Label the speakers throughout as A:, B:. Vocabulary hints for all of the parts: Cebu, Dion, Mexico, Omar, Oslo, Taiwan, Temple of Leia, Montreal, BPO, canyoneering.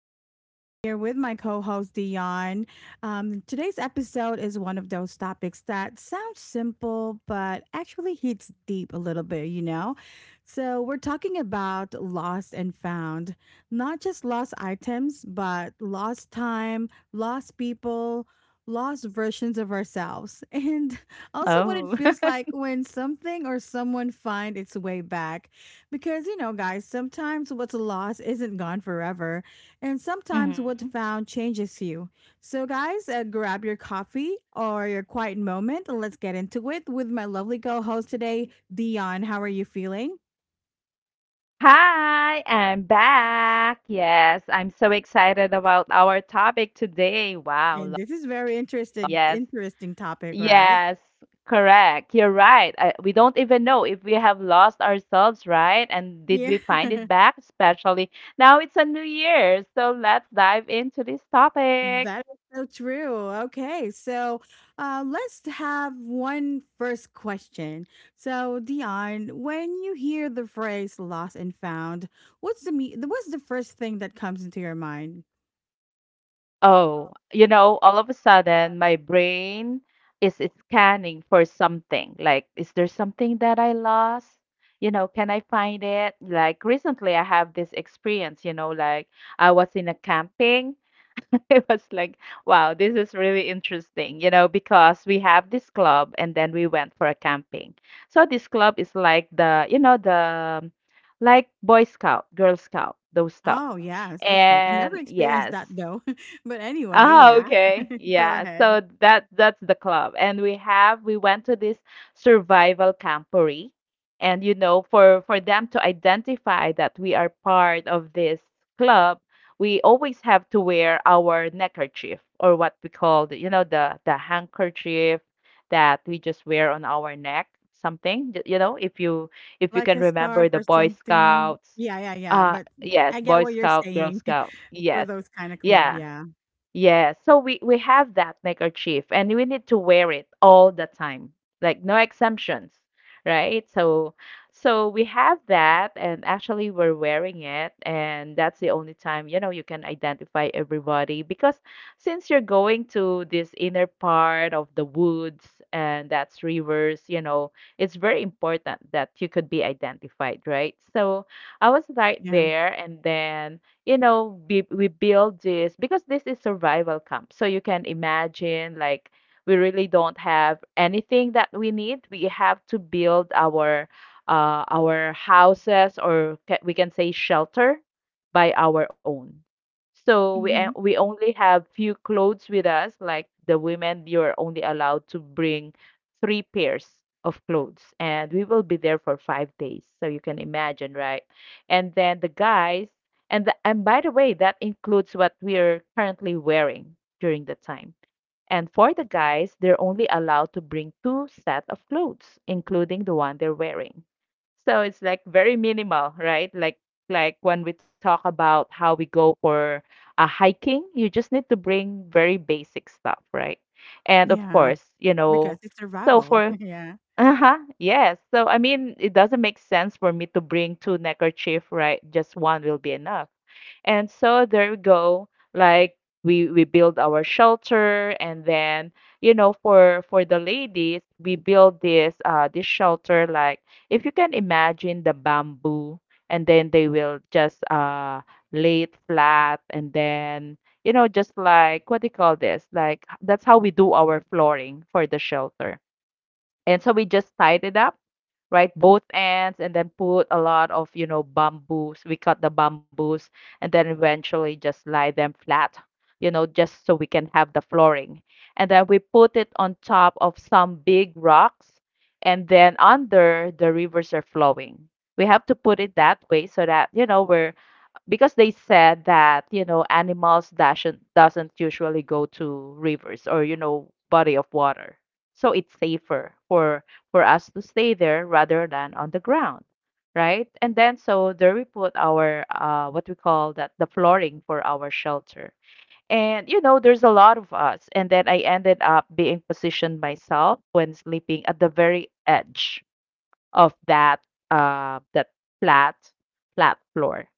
A: and I have here with my co host, Dion. Today's episode is one of those topics that sounds simple, but actually hits deep a little bit, you know? So, we're talking about lost and found, not just lost items, but lost time, lost people. Lost versions of ourselves. And also, what it
B: Oh.
A: feels like when something or someone find its way back. Because, you know, guys, sometimes what's lost isn't gone forever. And sometimes what's
B: Mhm.
A: found changes you. So, guys, grab your coffee or your quiet moment and let's get into it with my lovely co host today, Dion. How are you feeling?
B: Hi, I'm back. Yes, I'm so excited about our topic today. Wow.
A: And this is very interesting,
B: Yes.
A: interesting topic, right?
B: Yes. Correct. You're right. We don't even know if we have lost ourselves, right? And did
A: Yeah.
B: we find it back? Especially now it's a new year. So let's dive into this
A: That
B: topic.
A: is so true. Okay, so let's have one first question. So, Dion, when you hear the phrase "lost and found," what's the first thing that comes into your mind?
B: Oh, you know, all of a sudden my brain is scanning for something. Like, is there something that I lost? You know, can I find it? Like recently I have this experience, you know, like I was in a camping. It was like, wow, this is really interesting, you know, because we have this club and then we went for a camping. So this club is like the like Boy Scout, Girl Scout, those stuff.
A: Oh, yes. Okay, I never
B: And
A: experienced
B: yes.
A: that though. But anyway,
B: Oh,
A: yeah.
B: okay.
A: Go
B: Yeah.
A: ahead.
B: So that's the club. And we went to this survival campery. And you know, for them to identify that we are part of this club, we always have to wear our neckerchief or what we call the, you know, the handkerchief that we just wear on our neck, something. You know, if you
A: Like
B: can
A: a
B: remember
A: scarf
B: the
A: or
B: Boy
A: something.
B: Scouts.
A: Yeah, yeah, yeah. But
B: Yes,
A: I get
B: Boy
A: what you're
B: Scout, Girl
A: saying.
B: Scout.
A: For
B: Yes.
A: those kind of club.
B: Yeah.
A: Yeah,
B: Yeah, so we have that neckerchief and we need to wear it all the time. Like no exemptions, right? So we have that, and actually we're wearing it, and that's the only time, you know, you can identify everybody because since you're going to this inner part of the woods and that's rivers, you know, it's very important that you could be identified, right? So I was right
A: yeah,
B: there, and then you know, we build this because this is survival camp. So you can imagine, like, we really don't have anything that we need. We have to build our houses, or we can say shelter, by our own. So we
A: hmm,
B: a- we only have few clothes with us. Like the women, you're only allowed to bring 3 pairs of clothes, and we will be there for 5 days. So you can imagine, right? And then the guys. And and by the way, that includes what we're currently wearing during the time. And for the guys, they're only allowed to bring 2 set of clothes, including the one they're wearing. So it's like very minimal, right? Like when we talk about how we go for a hiking, you just need to bring very basic stuff, right? And of
A: yeah.
B: course, you
A: Because
B: know,
A: it's
B: so
A: survival.
B: for
A: Yeah.
B: uh-huh, yes. So I mean, it doesn't make sense for me to bring two neckerchief, right? Just one will be enough. And so there we go. Like we build our shelter, and then you know for the ladies we build this this shelter, like if you can imagine the bamboo, and then they will just lay it flat, and then you know just like what do you call this, like that's how we do our flooring for the shelter, and so we just tied it up, right? Both ends, and then put a lot of, you know, bamboos. We cut the bamboos and then eventually just lie them flat, you know, just so we can have the flooring. And then we put it on top of some big rocks, and then under the rivers are flowing. We have to put it that way so that, you know, we're because they said that you know animals doesn't usually go to rivers or you know body of water, so it's safer for us to stay there rather than on the ground, right, and then so there we put our what we call that the flooring for our shelter. And you know there's a lot of us, and then I ended up being positioned myself when sleeping at the very edge of that that flat flat floor.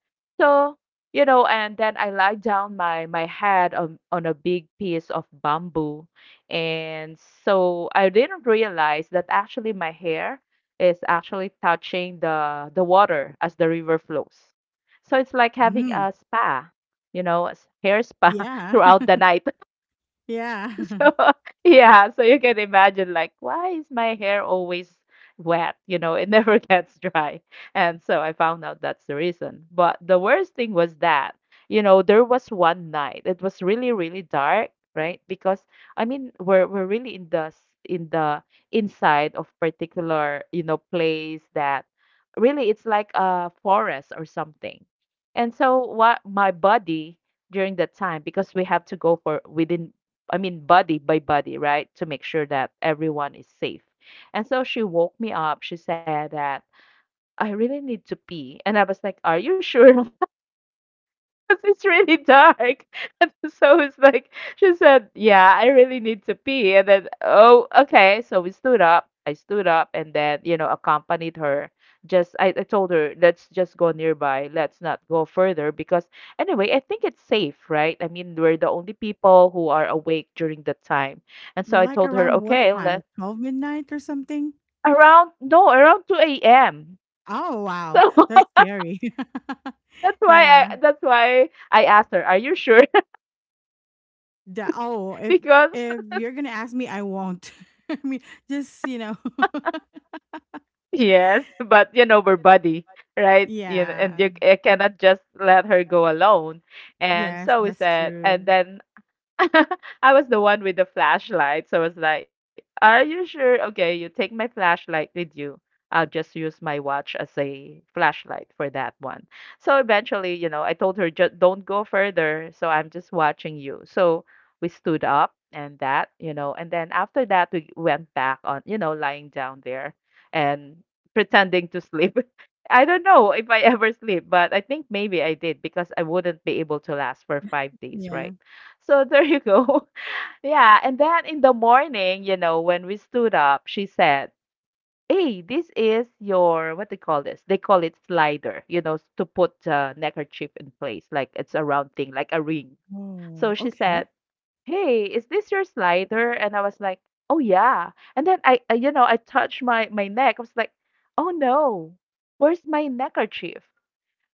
B: So you know, and then I lied down my head on a big piece of bamboo, and so I didn't realize that actually my hair is actually touching the water as the river flows. So it's like having
A: Mm.
B: a spa, you know, a hair spa
A: Yeah.
B: throughout the night.
A: Yeah.
B: So, yeah, so you can imagine, like, why is my hair always wet? You know, it never gets dry. And so I found out that's the reason. But the worst thing was that, you know, there was one night. It was really, really dark, right? Because I mean, we're really in the in the inside of particular, you know, place that really it's like a forest or something. And so what my body during that time, because we have to go for within, I mean, body by body, right? To make sure that everyone is safe. And so she woke me up. She said that I really need to pee. And I was like, are you sure? 'Cause it's really dark. And so it's like, she said, yeah, I really need to pee. And then, oh, okay. So we stood up. I stood up and then, you know, accompanied her. Just, I told her, let's just go nearby. Let's not go further because, anyway, I think it's safe, right? I mean, we're the only people who are awake during the time. And so I
A: Like
B: told her,
A: around what
B: okay,
A: time?
B: let
A: 12 midnight or something?
B: around, no, around 2 a.m.
A: Oh, wow.
B: So
A: That's scary.
B: that's why
A: Yeah.
B: that's why I asked her, are you sure?
A: Oh, if
B: Because
A: if you're going to ask me, I won't. I mean, just, you know.
B: yes, but you know her body, right? You know, and
A: Yeah.
B: you, I cannot just let her go alone. And
A: Yes,
B: so we
A: that's
B: said, and
A: true.
B: then I was the one with the flashlight. So I was like, are you sure? Okay, you take my flashlight with you. I'll just use my watch as a flashlight for that one. So eventually, you know, I told her, just don't go further. So I'm just watching you. So we stood up and that, you know, and then after that, we went back on, you know, lying down there and pretending to sleep. I don't know if I ever sleep, but I think maybe I did because I wouldn't be able to last for 5 days,
A: Yeah.
B: right? So there you go. Yeah. And then in the morning, you know, when we stood up, she said, hey, this is your, what they call this? They call it slider, you know, to put a neckerchief in place. Like it's a round thing, like a ring.
A: Oh,
B: So she
A: okay.
B: said, hey, is this your slider? And I was like, oh, yeah. And then I you know, I touched my neck. I was like, oh, no, where's my neckerchief?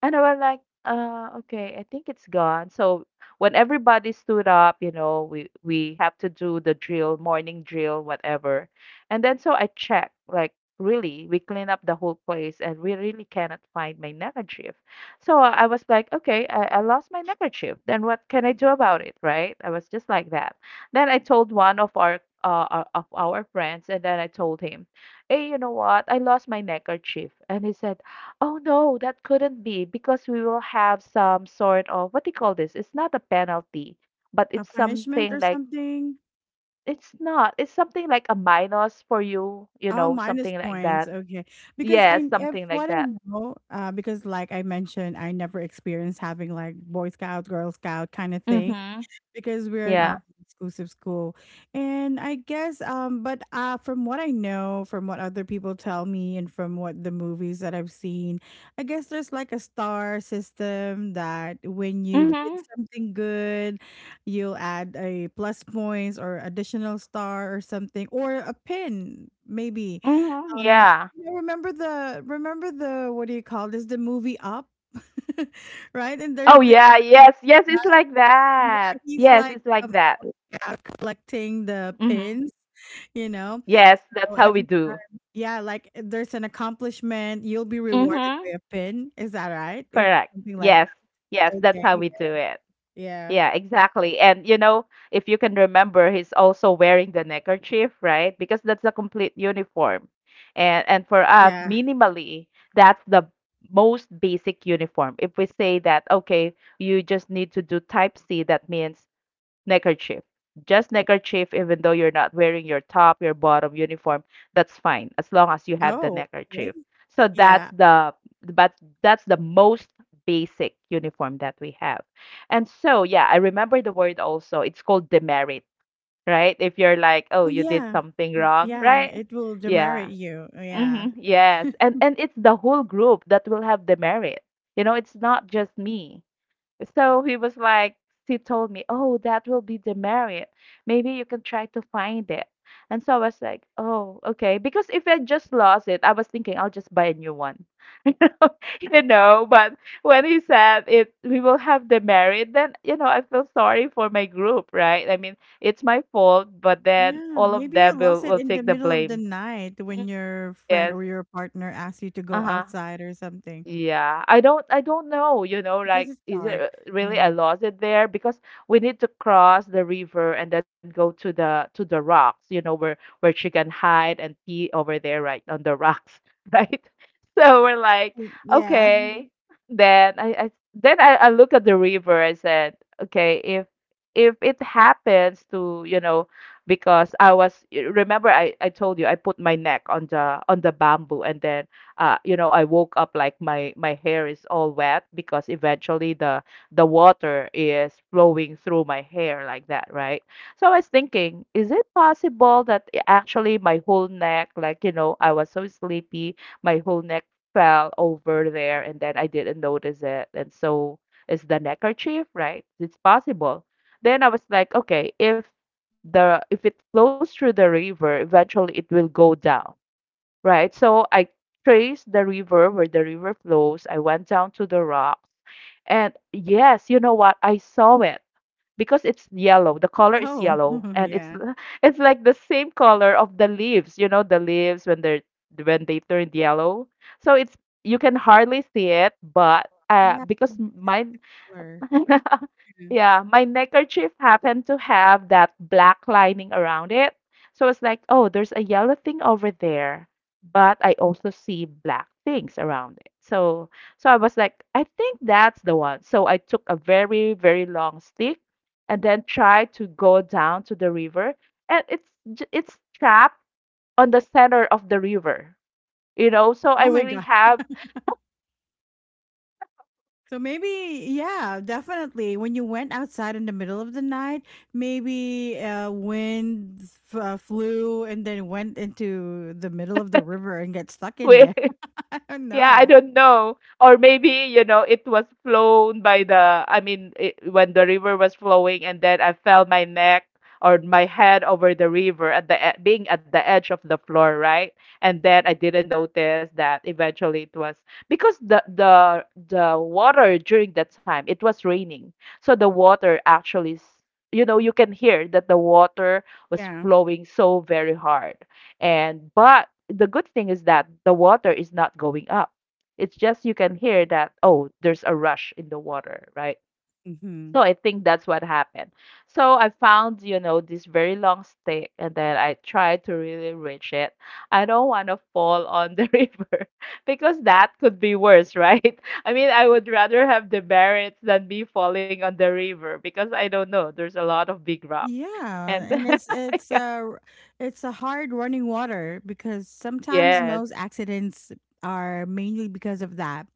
B: And I was like, okay, I think it's gone. So when everybody stood up, you know, we have to do the drill, morning drill, whatever. And then so I checked, like, really, we clean up the whole place and we really cannot find my neckerchief. So I was like, okay, I lost my neckerchief. Then what can I do about it, right? I was just like that. Then I told one of our friends, and then I told him, hey, you know what? I lost my neckerchief. And he said, oh no, that couldn't be because we will have some sort of what do you call this? It's not a penalty, but
A: A
B: it's
A: punishment
B: something
A: or
B: like
A: something?
B: it's not. It's something like a minus for you, you
A: Oh,
B: know,
A: minus
B: something like
A: points.
B: that.
A: Okay. Because
B: Yeah,
A: I, if
B: something like
A: what I
B: that.
A: know, because like I mentioned, I never experienced having like Boy Scout, Girl Scout kind of thing
B: Mm-hmm.
A: because we're an all
B: Yeah.
A: exclusive school. And I guess, but from what I know, from what other people tell me, and from what the movies that I've seen, I guess there's like a star system that when you
B: Mm-hmm.
A: did something good, you'll add a plus points or additional star or something or a pin maybe.
B: Mm-hmm.
A: um,
B: Yeah.
A: you know, remember the what do you call this? The movie Up, right? And there's
B: Oh
A: this.
B: yeah,
A: Um,
B: yes, yes, it's like
A: yeah,
B: that.
A: he's
B: Yes,
A: like
B: it's like
A: um,
B: that.
A: uh, collecting the
B: Mm-hmm.
A: pins. You know,
B: Yes, that's
A: so
B: how we
A: every
B: do.
A: time, yeah, like there's an accomplishment, you'll be rewarded
B: Mm-hmm.
A: by a pin. Is that right? Is that
B: Correct.
A: something like
B: Yes. Yes,
A: that,
B: that's
A: okay?
B: how we do it.
A: Yeah,
B: Yeah, exactly. And you know, if you can remember, he's also wearing the neckerchief, right? Because that's a complete uniform. And for us,
A: yeah.
B: minimally, that's the most basic uniform. If we say that, okay, you just need to do type C, that means neckerchief. Just neckerchief, even though you're not wearing your top, your bottom uniform, that's fine as long as you have the
A: Oh, okay.
B: neckerchief. So that's
A: Yeah.
B: the but that's the most basic uniform that we have. And so yeah, I remember the word also. It's called demerit, right? If you're like, oh,
A: Oh,
B: you did
A: yeah.
B: something wrong,
A: Yeah,
B: right?
A: it will demerit
B: Yeah.
A: you. Yeah.
B: Mm-hmm. Yes. And it's the whole group that will have demerit. You know, it's not just me. So he was like, she told me, oh, that will be the merit. Maybe you can try to find it. And so I was like, oh, okay. Because if I just lost it, I was thinking I'll just buy a new one. you know, you know, but when he said it, we will have the merit, then, you know, I feel sorry for my group, right? I mean, it's my fault, but then
A: Yeah,
B: all of
A: maybe you
B: them will,
A: lost it
B: will
A: in the
B: take the
A: middle of the
B: blame.
A: night
B: Mm,
A: when your friend
B: yes.
A: or your partner asks you to go
B: Uh-huh.
A: outside or something
B: Yeah, I don't know, you know,
A: because
B: like
A: it's
B: is it
A: dark.
B: really I
A: Yeah.
B: lost it there because we need to cross the river and then go to the rocks, you know, where she can hide and pee over there right on the rocks, right? So we're like,
A: Yeah.
B: okay. Then I look at the river, I said, okay, if it happens to, you know, because I was remember I told you I put my neck on the bamboo and then you know, I woke up like my hair is all wet because eventually the water is flowing through my hair like that, right? So I was thinking, is it possible that actually my whole neck, like, you know, I was so sleepy, my whole neck fell over there and then I didn't notice it. And so it's the neckerchief, right? It's possible. Then I was like, okay, if the if it flows through the river, eventually it will go down, right? So I traced the river where the river flows. I went down to the rocks. And yes, you know what? I saw it because it's yellow. The color is
A: Oh,
B: yellow and
A: yeah.
B: it's like the same color of the leaves, you know, the leaves when they're when they turned yellow. So it's you can hardly see it, but
A: Yeah.
B: because
A: Because
B: mine
A: the color. Yeah.
B: yeah, my neckerchief happened to have that black lining around it. So it's like, oh, there's a yellow thing over there, but I also see black things around it. So I was like, I think that's the one. So I took a very, very long stick and then tried to go down to the river, and it's trapped on the center of the river, you know? So I
A: Oh my
B: really
A: God.
B: have
A: So maybe, yeah, definitely. When you went outside in the middle of the night, maybe wind flew and then went into the middle of the river and got stuck in there.
B: wait.
A: I don't
B: Yeah, I
A: know.
B: don't know. Or maybe, you know, it was flown by the, I mean, it, when the river was flowing and then I fell my neck or my head over the river at being at the edge of the floor, right? And then I didn't notice that eventually it was because the water during that time, it was raining. So the water actually, you know, you can hear that the water was
A: Yeah.
B: flowing so very hard. And but the good thing is that the water is not going up. It's just you can hear that, oh, there's a rush in the water, right?
A: Hmm.
B: So I think that's what happened. So I found, you know, this very long stick and then I tried to really reach it. I don't want to fall on the river because that could be worse, right? I mean, I would rather have the merits than me falling on the river because I don't know, there's a lot of big rocks.
A: Yeah,
B: And
A: and it's it's a it's a hard running water because sometimes
B: yes.
A: most accidents are mainly because of that.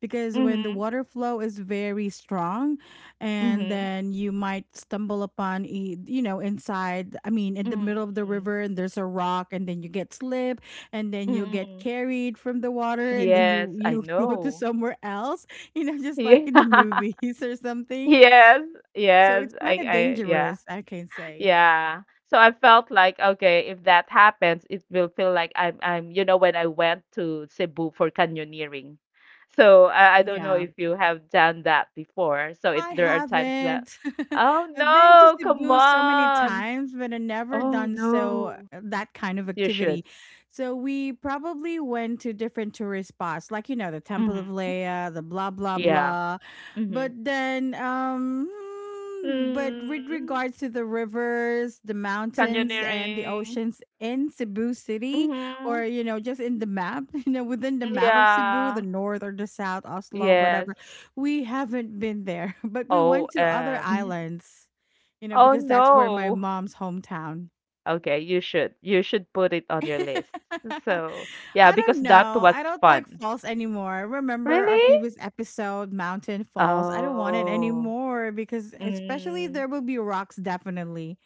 A: Because when the
B: Mhm.
A: water flow is very strong, and
B: Mhm.
A: then you might stumble upon you know inside. I mean, in the middle of the
B: Mm,
A: river, and there's a rock, and then you get slip, and then you'll get
B: mm.
A: carried from the water, and then you
B: Yes, I
A: you go to
B: know.
A: somewhere else. You know, just like
B: Yeah.
A: in the movies or something.
B: Yes,
A: So
B: yes.
A: it's
B: I
A: kind of
B: I yeah.
A: dangerous, I can say.
B: Yeah. So I felt like, okay, if that happens, it will feel like I'm you know, when I went to Cebu for canyoneering. So I don't know
A: Yeah,
B: if you have done that before. So it,
A: I
B: there are times that,
A: haven't.
B: oh
A: I've been to
B: no, come
A: Cebu so many
B: on.
A: times, but I've never
B: Oh
A: done
B: no.
A: that kind of
B: You should.
A: activity. So we probably went to different tourist spots, like you know the Temple of
B: Mm-hmm.
A: Leia, the blah blah
B: Yeah.
A: blah. But
B: Mm-hmm.
A: then, but with
B: Mm.
A: regards to the rivers, the mountains, and the
B: Canyoneering.
A: oceans in Cebu City, or
B: Mhm.
A: you know just in the map, you know within the map of Cebu, the
B: Yeah.
A: north or the south, Oslo,
B: Yes.
A: whatever we haven't been there, but we
B: Oh,
A: went to other
B: um.
A: islands, you know,
B: Oh
A: because that's where my
B: no.
A: mom's hometown.
B: Okay, you should. You should put it on your list. So, yeah,
A: I
B: because
A: don't
B: that
A: know. I
B: was
A: don't like
B: fun.
A: falls anymore. Remember our
B: Really?
A: previous episode, Mountain Falls? I don't want it
B: Oh.
A: anymore because, especially, there
B: Mm.
A: will be rocks definitely.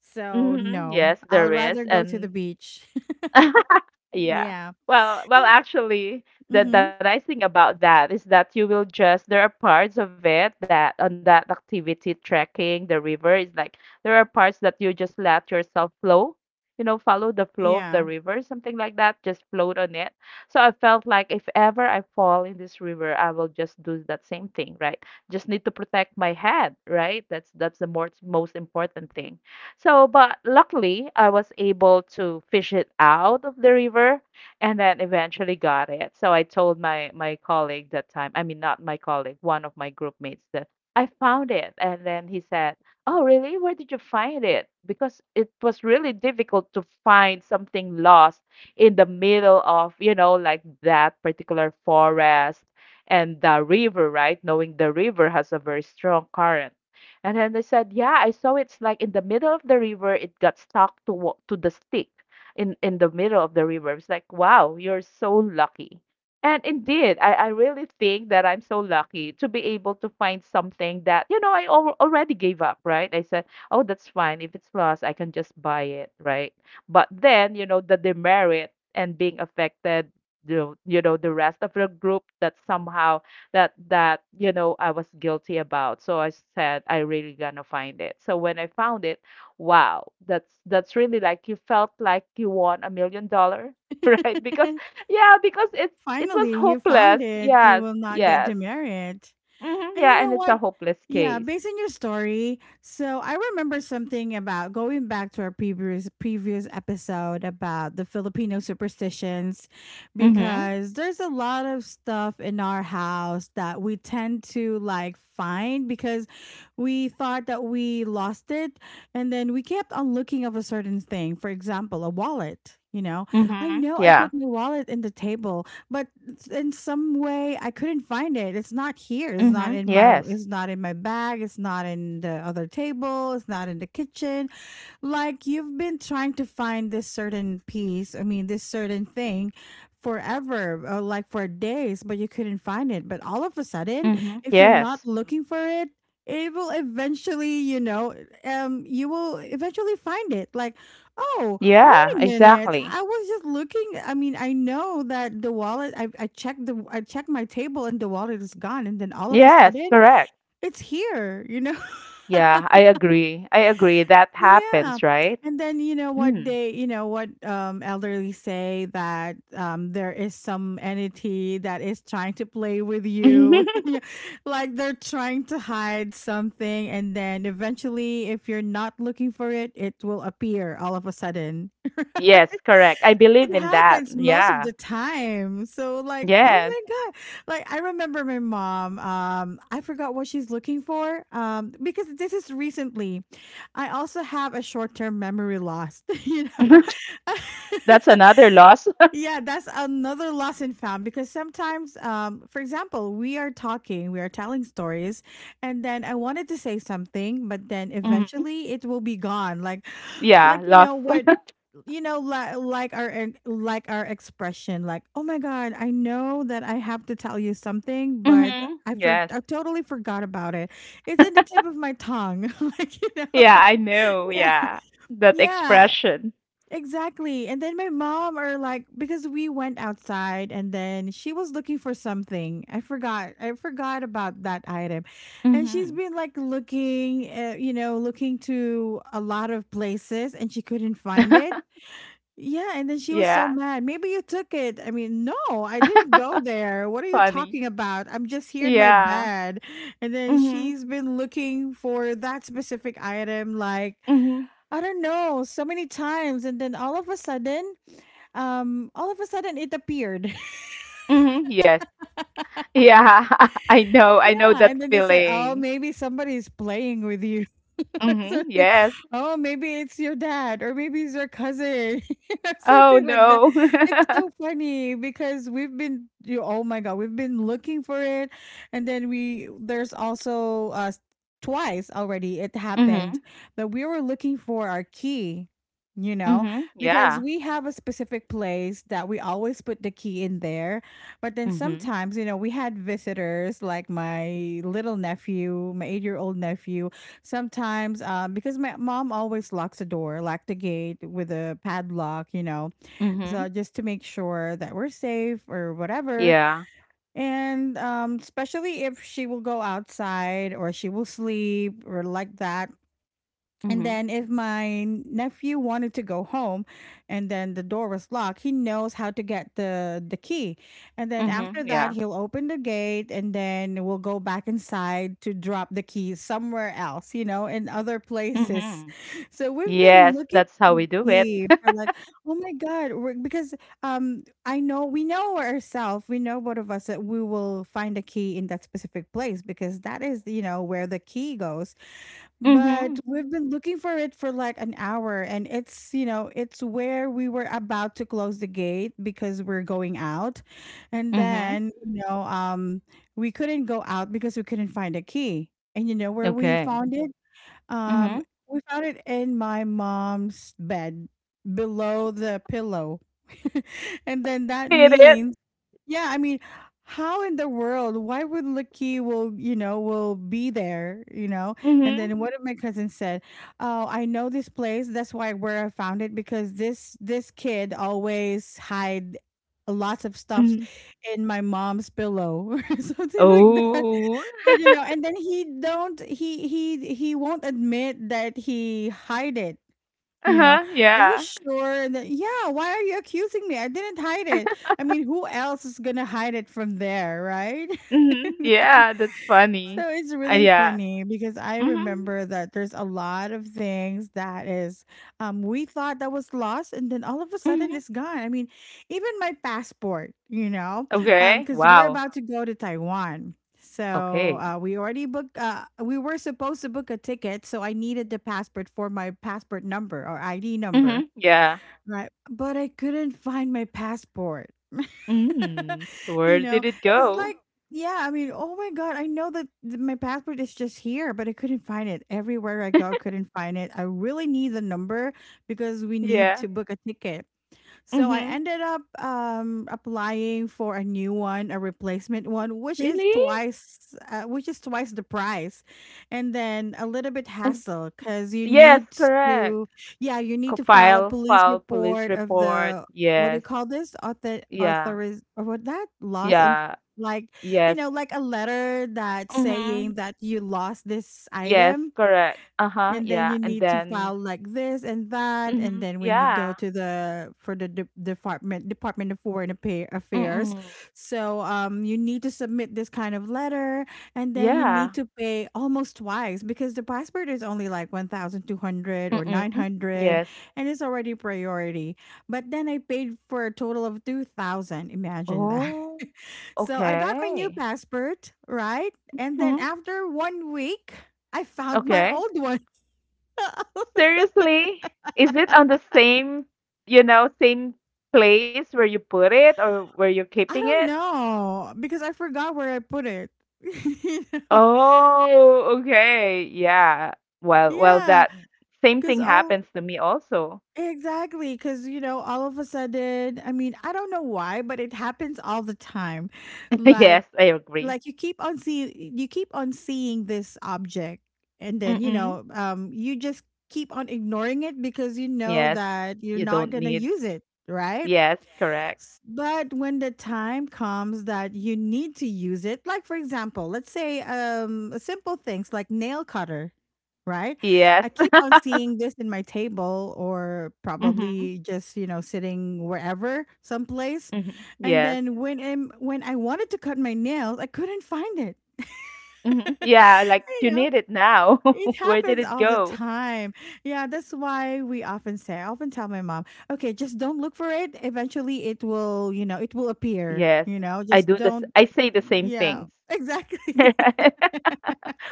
A: So,
B: Mhm.
A: no,
B: Yes,
A: I would
B: there is.
A: rather go to the
B: And
A: beach.
B: yeah.
A: Yeah.
B: Well, well, actually,
A: Mm-hmm.
B: the nice thing about that is that you will just there are parts of it that on that activity trekking the river is like there are parts that you just let yourself flow, you know, follow the flow of
A: Yeah.
B: the river, something like that, just float on it. So I felt like if ever I fall in this river, I will just do that same thing, right? Just need to protect my head, right? That's the more most important thing. So, but luckily, I was able to fish it out of the river and then eventually got it. So I told my colleague that time, I mean, not my colleague, one of my group mates that I found it. And then he said, "Oh, really? Where did you find it?" Because it was really difficult to find something lost in the middle of, you know, like that particular forest and the river, right? Knowing the river has a very strong current. And then they said, yeah, I saw it's like in the middle of the river, it got stuck to to the stick in the middle of the river. It's like, wow, you're so lucky. And indeed, I really think that I'm so lucky to be able to find something that, you know, I al already gave up, right? I said, oh, that's fine. If it's lost, I can just buy it, right? But then, you know, the demerit and being affected, you know, the rest of the group that somehow that you know I was guilty about. So I said I really gonna find it. So when I found it, wow, that's really like you felt like you won $1 million, right? Because yeah, because it was
A: Finally, you found
B: hopeless.
A: it. You
B: Yes,
A: will not get
B: yes.
A: demerit.
B: Hmm,
A: And you
B: yeah, and
A: know
B: it's
A: what?
B: a hopeless
A: Yeah,
B: case.
A: based on your story, so I remember something about going back to our previous episode about the Filipino superstitions
B: Mm-hmm.
A: because there's a lot of stuff in our house that we tend to like find because we thought that we lost it and then we kept on looking of a certain thing. For example, a wallet, you know. I
B: Mm-hmm.
A: know I
B: Yeah.
A: put my wallet in the table, but in some way I couldn't find it. It's not here. It's not
B: Mm-hmm.
A: in my.
B: Yes.
A: It's not in my bag. It's not in the other table. It's not in the kitchen, like you've been trying to find this certain piece I mean this certain thing forever or like for days, but you couldn't find it, but all of a sudden
B: Mm-hmm.
A: if you're not
B: Yes.
A: looking for it, it will eventually, you know, you will eventually find it. Like, oh wait
B: Yeah,
A: a minute,
B: exactly.
A: I was just looking I mean I know that I checked the I checked my table and the wallet is gone, and then all of a
B: Yes,
A: sudden
B: correct.
A: it's here, you know.
B: Yeah, I agree. I agree. That
A: Yeah.
B: happens, right?
A: And then
B: Mm.
A: you know what, elderly say that there is some entity that is trying to play with you. Yeah, like they're trying to hide something and then eventually if you're not looking for it, it will appear all of a sudden.
B: Yes, correct. I believe
A: It
B: in that.
A: happens most of
B: Yeah.
A: the time. So like, oh
B: Yes.
A: my god. Like I remember my mom, I forgot what she's looking for because this is recently. I also have a short-term memory loss, you know.
B: That's another loss.
A: Yeah, that's another lesson found because sometimes, for example, we are telling stories, and then I wanted to say something, but then
B: Mhm.
A: eventually it will be gone.
B: Yeah,
A: Like you
B: loss.
A: know what, you know, like our ex- like our expression, like, oh my god, I know that I have to tell you something, but
B: Hmm. Yes.
A: I totally forgot about it. It's in the tip of my tongue, like you know,
B: Yeah, I know.
A: yeah.
B: Yeah. That
A: Yeah,
B: expression.
A: exactly. And then my mom or like, because we went outside and then she was looking for something. I forgot about that item. And she's
B: Hmm.
A: been like looking, you know, looking to a lot of places and she couldn't find it. Yeah, and then she was so
B: Yeah.
A: mad. Maybe you took it. I didn't go there. What are you
B: Funny.
A: talking about? I'm just here in my
B: Yeah.
A: bed. And then
B: Hmm.
A: she's been looking for that specific item like
B: Hmm.
A: I don't know, so many times, and then all of a sudden it appeared.
B: Hmm. Yes. Yeah. I know. I know
A: Yeah,
B: that
A: and then they said, "Oh,
B: feeling.
A: maybe somebody's playing with you." Or
B: Hmm.
A: something.
B: Yes.
A: Oh, maybe it's your dad, or maybe it's your cousin, you know,
B: Oh
A: something like that.
B: no.
A: It's so funny because oh my god, we've been looking for it, and then we there's also twice already it
B: Hmm.
A: happened that we were looking for our key, you know,
B: Hmm.
A: because
B: Yeah.
A: we have a specific place that we always put the key in there, but then
B: Hmm.
A: sometimes, you know, we had visitors like my little nephew, my 8 year old nephew. Sometimes, because my mom always locks the door, lock the gate with a padlock, you know, so
B: Hmm.
A: just to make sure that we're safe or whatever.
B: Yeah.
A: And especially if she will go outside or she will sleep or like that, and
B: Hmm.
A: then if my nephew wanted to go home and then the door was locked, he knows how to get the key. And then after
B: Hmm.
A: that,
B: Yeah.
A: he'll open the gate and then we'll go back inside to drop the keys somewhere else, you know, in other places.
B: Mhm.
A: So we've been
B: Yes,
A: looking
B: that's
A: for
B: how we
A: the
B: do it.
A: key for like oh my god because I know we know ourselves, we know both of us that we will find a key in that specific place because that is you know where the key goes, but
B: Mhm.
A: we've been looking for it for like an hour, and it's, you know, it's where we were about to close the gate because we're going out. And
B: Mhm.
A: then, you know, we couldn't go out because we couldn't find a key. And you know where we
B: Okay.
A: found it? Um,
B: Mhm.
A: we found it in my mom's bed below the pillow. And then that
B: Hit it.
A: means yeah, I mean, how in the world? Why would Lucky will you know will be there? And
B: Mhm.
A: then one of my cousins said, "Oh, I know this place. That's why where I found it because this kid always hide." Lots of stuff
B: Mhm.
A: in my mom's pillow or something like that.
B: Oh.
A: But you know, and then he won't admit that he hide it, you know,
B: Uh-huh.
A: "Are you
B: Yeah.
A: sure that yeah, why are you accusing me? I didn't hide it." I mean, who else is gonna hide it from there, right?
B: Mhm. Yeah, that's
A: So
B: funny.
A: it's really
B: Yeah.
A: funny because I
B: Mhm.
A: remember that there's a lot of things that is we thought that was lost and then all of a sudden
B: Mhm.
A: it's gone. I mean, even my passport,
B: Okay.
A: cuz we're
B: Wow.
A: about to go to Taiwan. So
B: Okay.
A: we already booked. We were supposed to book a ticket, so I needed the passport for my passport number or ID number.
B: Mhm. Yeah.
A: Right. But I couldn't find my passport.
B: Mm.
A: you
B: Where
A: know,
B: did it
A: it's
B: go?
A: like, yeah, I mean, oh my God, I know that my passport is just here, but I couldn't find it. Everywhere I go, I couldn't find it. I really need the number because we need
B: Yeah.
A: to book a ticket. So I
B: Mhm.
A: ended up applying for a new one, a replacement one,
B: Really?
A: which is twice the price. And then a little bit hassle
B: It's-
A: cuz you
B: Yes,
A: need
B: correct.
A: to, yeah, you need to file a
B: File,
A: police
B: file police
A: report of
B: report.
A: the, what do you
B: Yes.
A: call this? Author
B: Yeah.
A: authoriz or what, that loss and
B: Yeah,
A: like, you
B: yes.
A: know, like a letter that
B: Mhm.
A: saying that you lost this
B: Yes,
A: item,
B: correct. Uh-huh,
A: and then
B: yeah.
A: you
B: And
A: need to
B: then
A: file like this and that. And
B: mhm.
A: then when you go
B: Yeah.
A: to the, for the department of foreign affairs,
B: Mm.
A: so you need to submit this kind of letter. And then you need
B: Yeah.
A: to pay almost twice because the passport is only like 1200 or
B: Mm.
A: 900,
B: Yes.
A: and it's already priority, but then I paid for a total of 2000, imagine that.
B: Oh,
A: So I got my new
B: okay.
A: passport, right? And then
B: Mhm.
A: after 1 week I found my
B: Okay.
A: old one.
B: Seriously? Is it on the same, you know, same place where you put it or where you're
A: I
B: keeping
A: don't
B: it?
A: know because I forgot where I put it. You know?
B: Oh, okay. Yeah. Well, well,
A: Yeah,
B: that same
A: because
B: thing
A: all
B: happens to me also.
A: exactly, because all of a sudden, I mean, I don't know why, but it happens all the time. Like,
B: Yes, I agree.
A: you keep on seeing this object, and then,
B: Mm.
A: you just keep on ignoring it because you know
B: Yes.
A: that you're
B: You
A: not
B: don't
A: going to
B: need
A: use it, right?
B: yes, correct.
A: But when the time comes that you need to use it, like for example, let's say simple things like nail cutter, right?
B: Yes.
A: I keep on seeing this in my table or
B: Mhm,
A: probably just, you know, sitting wherever, someplace.
B: mhm.
A: And
B: Yes.
A: then when I wanted to cut my nails, I couldn't find it.
B: Mhm. Yeah, like, "You
A: You know,
B: need it now.
A: it
B: Where did
A: happens
B: it
A: all the
B: go?"
A: time. Yeah, that's why we often say, I often tell my mom, okay, just don't look for it. Eventually it will, it will appear,
B: Yes.
A: you know,
B: I
A: just
B: do this.
A: don't.
B: I say the same
A: Yeah,
B: things.
A: exactly.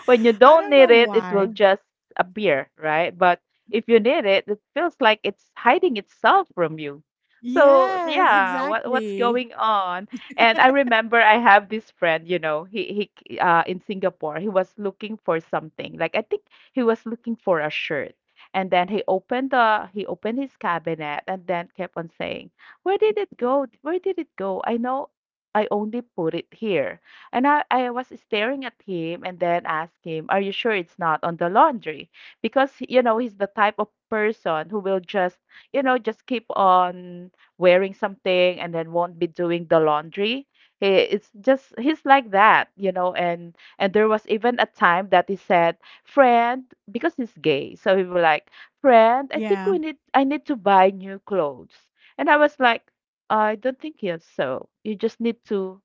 B: When you
A: I
B: don't
A: don't
B: need
A: know
B: it, it will
A: why.
B: just appear, right? But if you need it, it feels like it's hiding itself from you. So
A: Yes,
B: yeah, what's
A: exactly.
B: going on? And I remember I have this friend, you know, he in Singapore, he was looking for something. Like I think he was looking for a shirt. And then he opened his cabinet and then kept on saying, "Where did it go? Where did it go? I know I only put it here." And I was staring at him and then asked him, are you sure it's not on the laundry? Because, you know, he's the type of person who will just, you know, just keep on wearing something and then won't be doing the laundry. It's just, he's like that, you know. And there was even a time that he said, friend, because he's gay. So he was like, friend, I think
A: Yeah,
B: I need to buy new clothes. And I was like, I don't think yes. So you just need to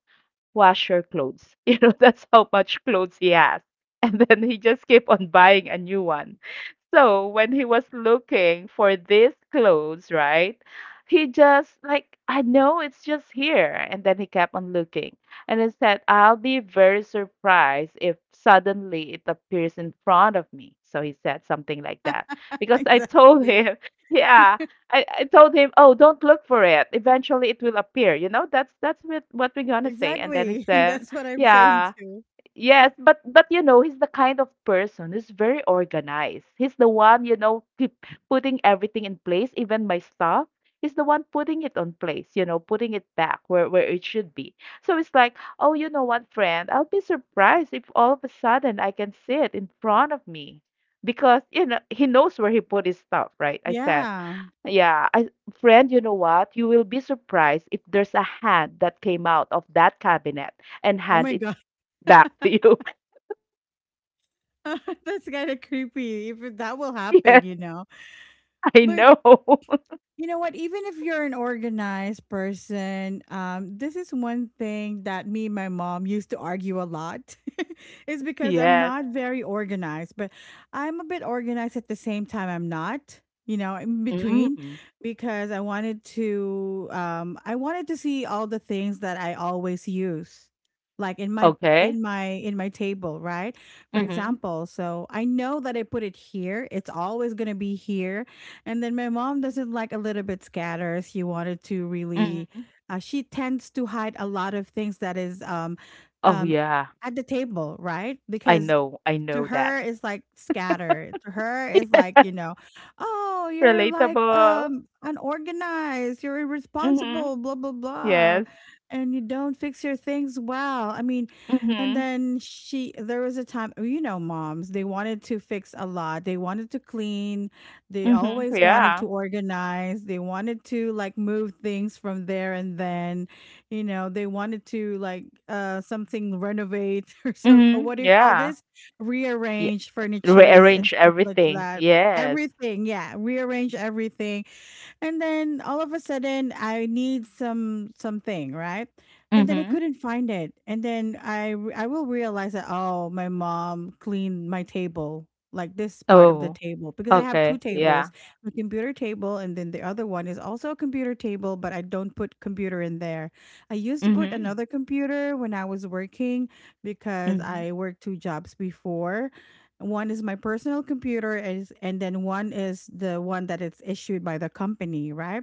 B: wash your clothes. You know, that's how much clothes he has. And then he just kept on buying a new one. So when he was looking for these clothes, right? He just like I know it's just here, and then he kept on looking, and he said, "I'll be very surprised if suddenly it appears in front of me." So he said something like that because I told
A: exactly.
B: him, yeah, I told him, "Oh, don't look for it. Eventually, it will appear." You know, that's what we're gonna say. And then he
A: Exactly.
B: said,
A: That's what I'm saying
B: "Yeah."
A: too.
B: Yes, but you know, he's the kind of person who's very organized. He's the one, you know, keep putting everything in place, even my stuff. He's the one putting it on place, you know, putting it back where it should be. So it's like, oh, you know what, friend? I'll be surprised if all of a sudden I can see it in front of me because you know he knows where he put his stuff, right? I said.
A: Yeah.
B: Yeah, I, friend, you know what? You will be surprised if there's a hand that came out of that cabinet and
A: Oh
B: hand
A: my
B: it
A: God.
B: back to you.
A: That's kind of creepy if that will
B: Yes,
A: happen, you know.
B: I
A: But
B: know.
A: you know what? Even if you're an organized person, this is one thing that me and my mom used to argue a lot. Is because I'm
B: Yes.
A: not very organized, but I'm a bit organized at the same time. I'm not, you know, in between,
B: Mm.
A: because I wanted to. I wanted to see all the things that I always use, like in my
B: Okay.
A: in my table, right? For
B: Mhm.
A: example, so I know that I put it here. It's always gonna be here. And then my mom doesn't like a little bit scatter. She wanted to really,
B: Mhm.
A: she tends to hide a lot of things that is
B: Oh,
A: um,
B: yeah.
A: at the table, right?
B: I
A: Because
B: know. I
A: to
B: know that.
A: her is like scattered. To her is like, you know, oh, you're like
B: Relatable.
A: unorganized, you're
B: Mhm.
A: irresponsible, blah blah blah,
B: Yes.
A: and you don't fix your things well. I mean, and
B: Mhm.
A: then she there was a time, you know, moms, they wanted to fix a lot. They wanted to clean, they
B: Mhm.
A: always wanted
B: Yeah.
A: to organize, they wanted to like move things from there. And then, you know, they wanted to like something renovate or so,
B: Mhm.
A: what do you call
B: Yeah.
A: this?
B: Yeah.
A: Rearrange furnitures and
B: Rearrange
A: stuff like
B: everything.
A: that.
B: Yes.
A: Everything, yeah, rearrange everything. And then all of a sudden I need something, right? And then I
B: Mhm.
A: couldn't find it. And then I will realize that oh, my mom cleaned my table, like this part of the
B: Oh,
A: table because I have two
B: okay. Yeah.
A: tables, my computer table, and then the other one is also a computer table, but I don't put computer in there. I used to put
B: Mhm.
A: another computer when I was working because
B: Mhm.
A: I worked two jobs before. One is my personal computer, is, and then one is the one that it's issued by the company, right?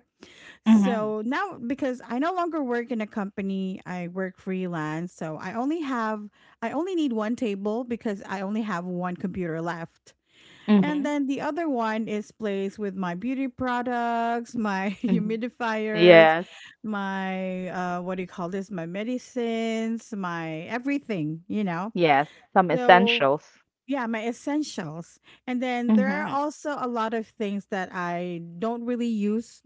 B: Mhm.
A: So now, because I no longer work in a company, I work freelance. So I only need one table because I only have one computer left. And
B: Mhm.
A: then the other one is placed with my beauty products, my
B: Mhm.
A: humidifiers,
B: Yes.
A: my, what do you call this? My medicines, my everything, you know?
B: Yes. Some
A: So
B: essentials.
A: yeah, my essentials. And then there are
B: Mhm.
A: also a lot of things that I don't really use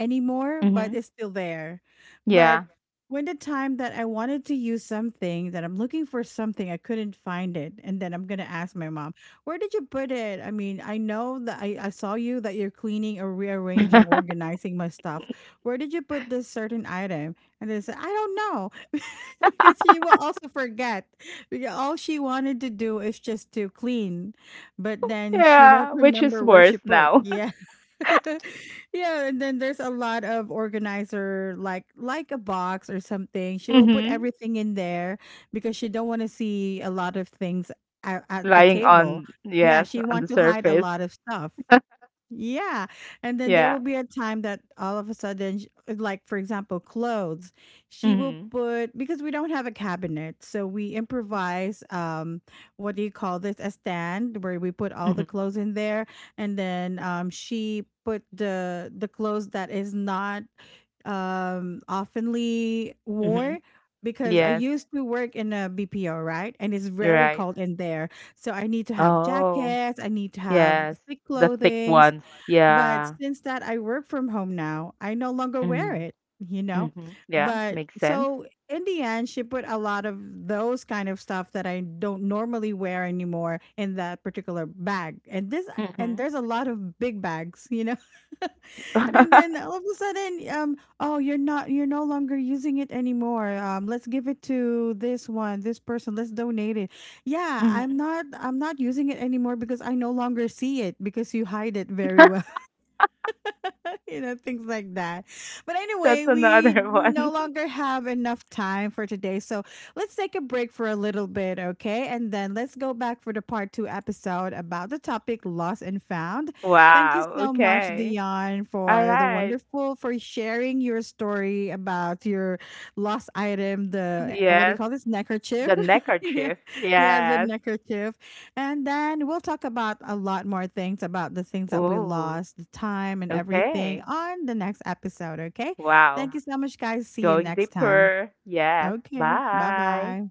A: anymore, but
B: Mhm.
A: it's still there. But
B: Yeah.
A: when the time that I wanted to use something, that I'm looking for something, I couldn't find it. And then I'm going to ask my mom, where did you put it? I mean, I know that I saw you that you're cleaning or rearranging, organizing my stuff. Where did you put this certain item? And they said, I don't know. Because she will also forget. Because all she wanted to do is just to clean, but then she won't
B: Yeah, which is
A: remember where she
B: worse
A: put.
B: now.
A: Yeah. Yeah, and then there's a lot of organizer like a box or something. She will put
B: Mm-hmm.
A: everything in there because she don't want to see a lot of things at the
B: Lying
A: table.
B: on,
A: Yeah,
B: yes,
A: she
B: on the
A: want to hide a
B: surface.
A: lot of stuff. Yeah. And then there
B: Yeah.
A: will be a time that all of a sudden, like for example, clothes, she will
B: Mm-hmm.
A: put, because we don't have a cabinet. So we improvise, what do you call this? A stand where we put all
B: Mm-hmm.
A: the clothes in there. And then, she put the clothes that is not, oftenly
B: Mm-hmm.
A: wore. Because I
B: Yes,
A: used to work in a BPO, right? And it's very
B: right.
A: cold in there. So I need to have
B: Oh.
A: jackets. I need to have
B: Yes,
A: thick
B: the thick
A: clothing,
B: ones.
A: but
B: Yeah.
A: since that I work from home now, I no longer wear
B: Mm-hmm.
A: it, you know?
B: Mm-hmm. Yeah,
A: But
B: makes sense.
A: so in the end, she put a lot of those kind of stuff that I don't normally wear anymore in that particular bag. And this, and
B: Mm-hmm.
A: there's a lot of big bags, you know. And then all of a sudden, oh, you're no longer using it anymore. Let's give it to this one, this person, let's donate it. Yeah,
B: Mm-hmm.
A: I'm not using it anymore because I no longer see it because you hide it very well. You know, things like that. But
B: That's
A: anyway, we
B: another
A: no
B: one.
A: longer have enough time for today. So let's take a break for a little bit, okay? And then let's go back for the part two episode about the topic lost and found. Thank you
B: Wow.
A: so much,
B: Okay.
A: Dion,
B: All
A: for the
B: right.
A: wonderful, for sharing your story about your lost item, the, what do you
B: Yes.
A: call this, neckerchief?
B: The
A: Yeah,
B: neckerchief.
A: yeah, the
B: Yes.
A: neckerchief. And then we'll talk about a lot more things about the things that we
B: Oh.
A: lost, the time and everything
B: Okay.
A: on the next episode, okay? Thank
B: Wow.
A: you so much, guys. See you
B: Going
A: next time.
B: deeper. Yes.
A: Okay, bye
B: Bye.
A: bye.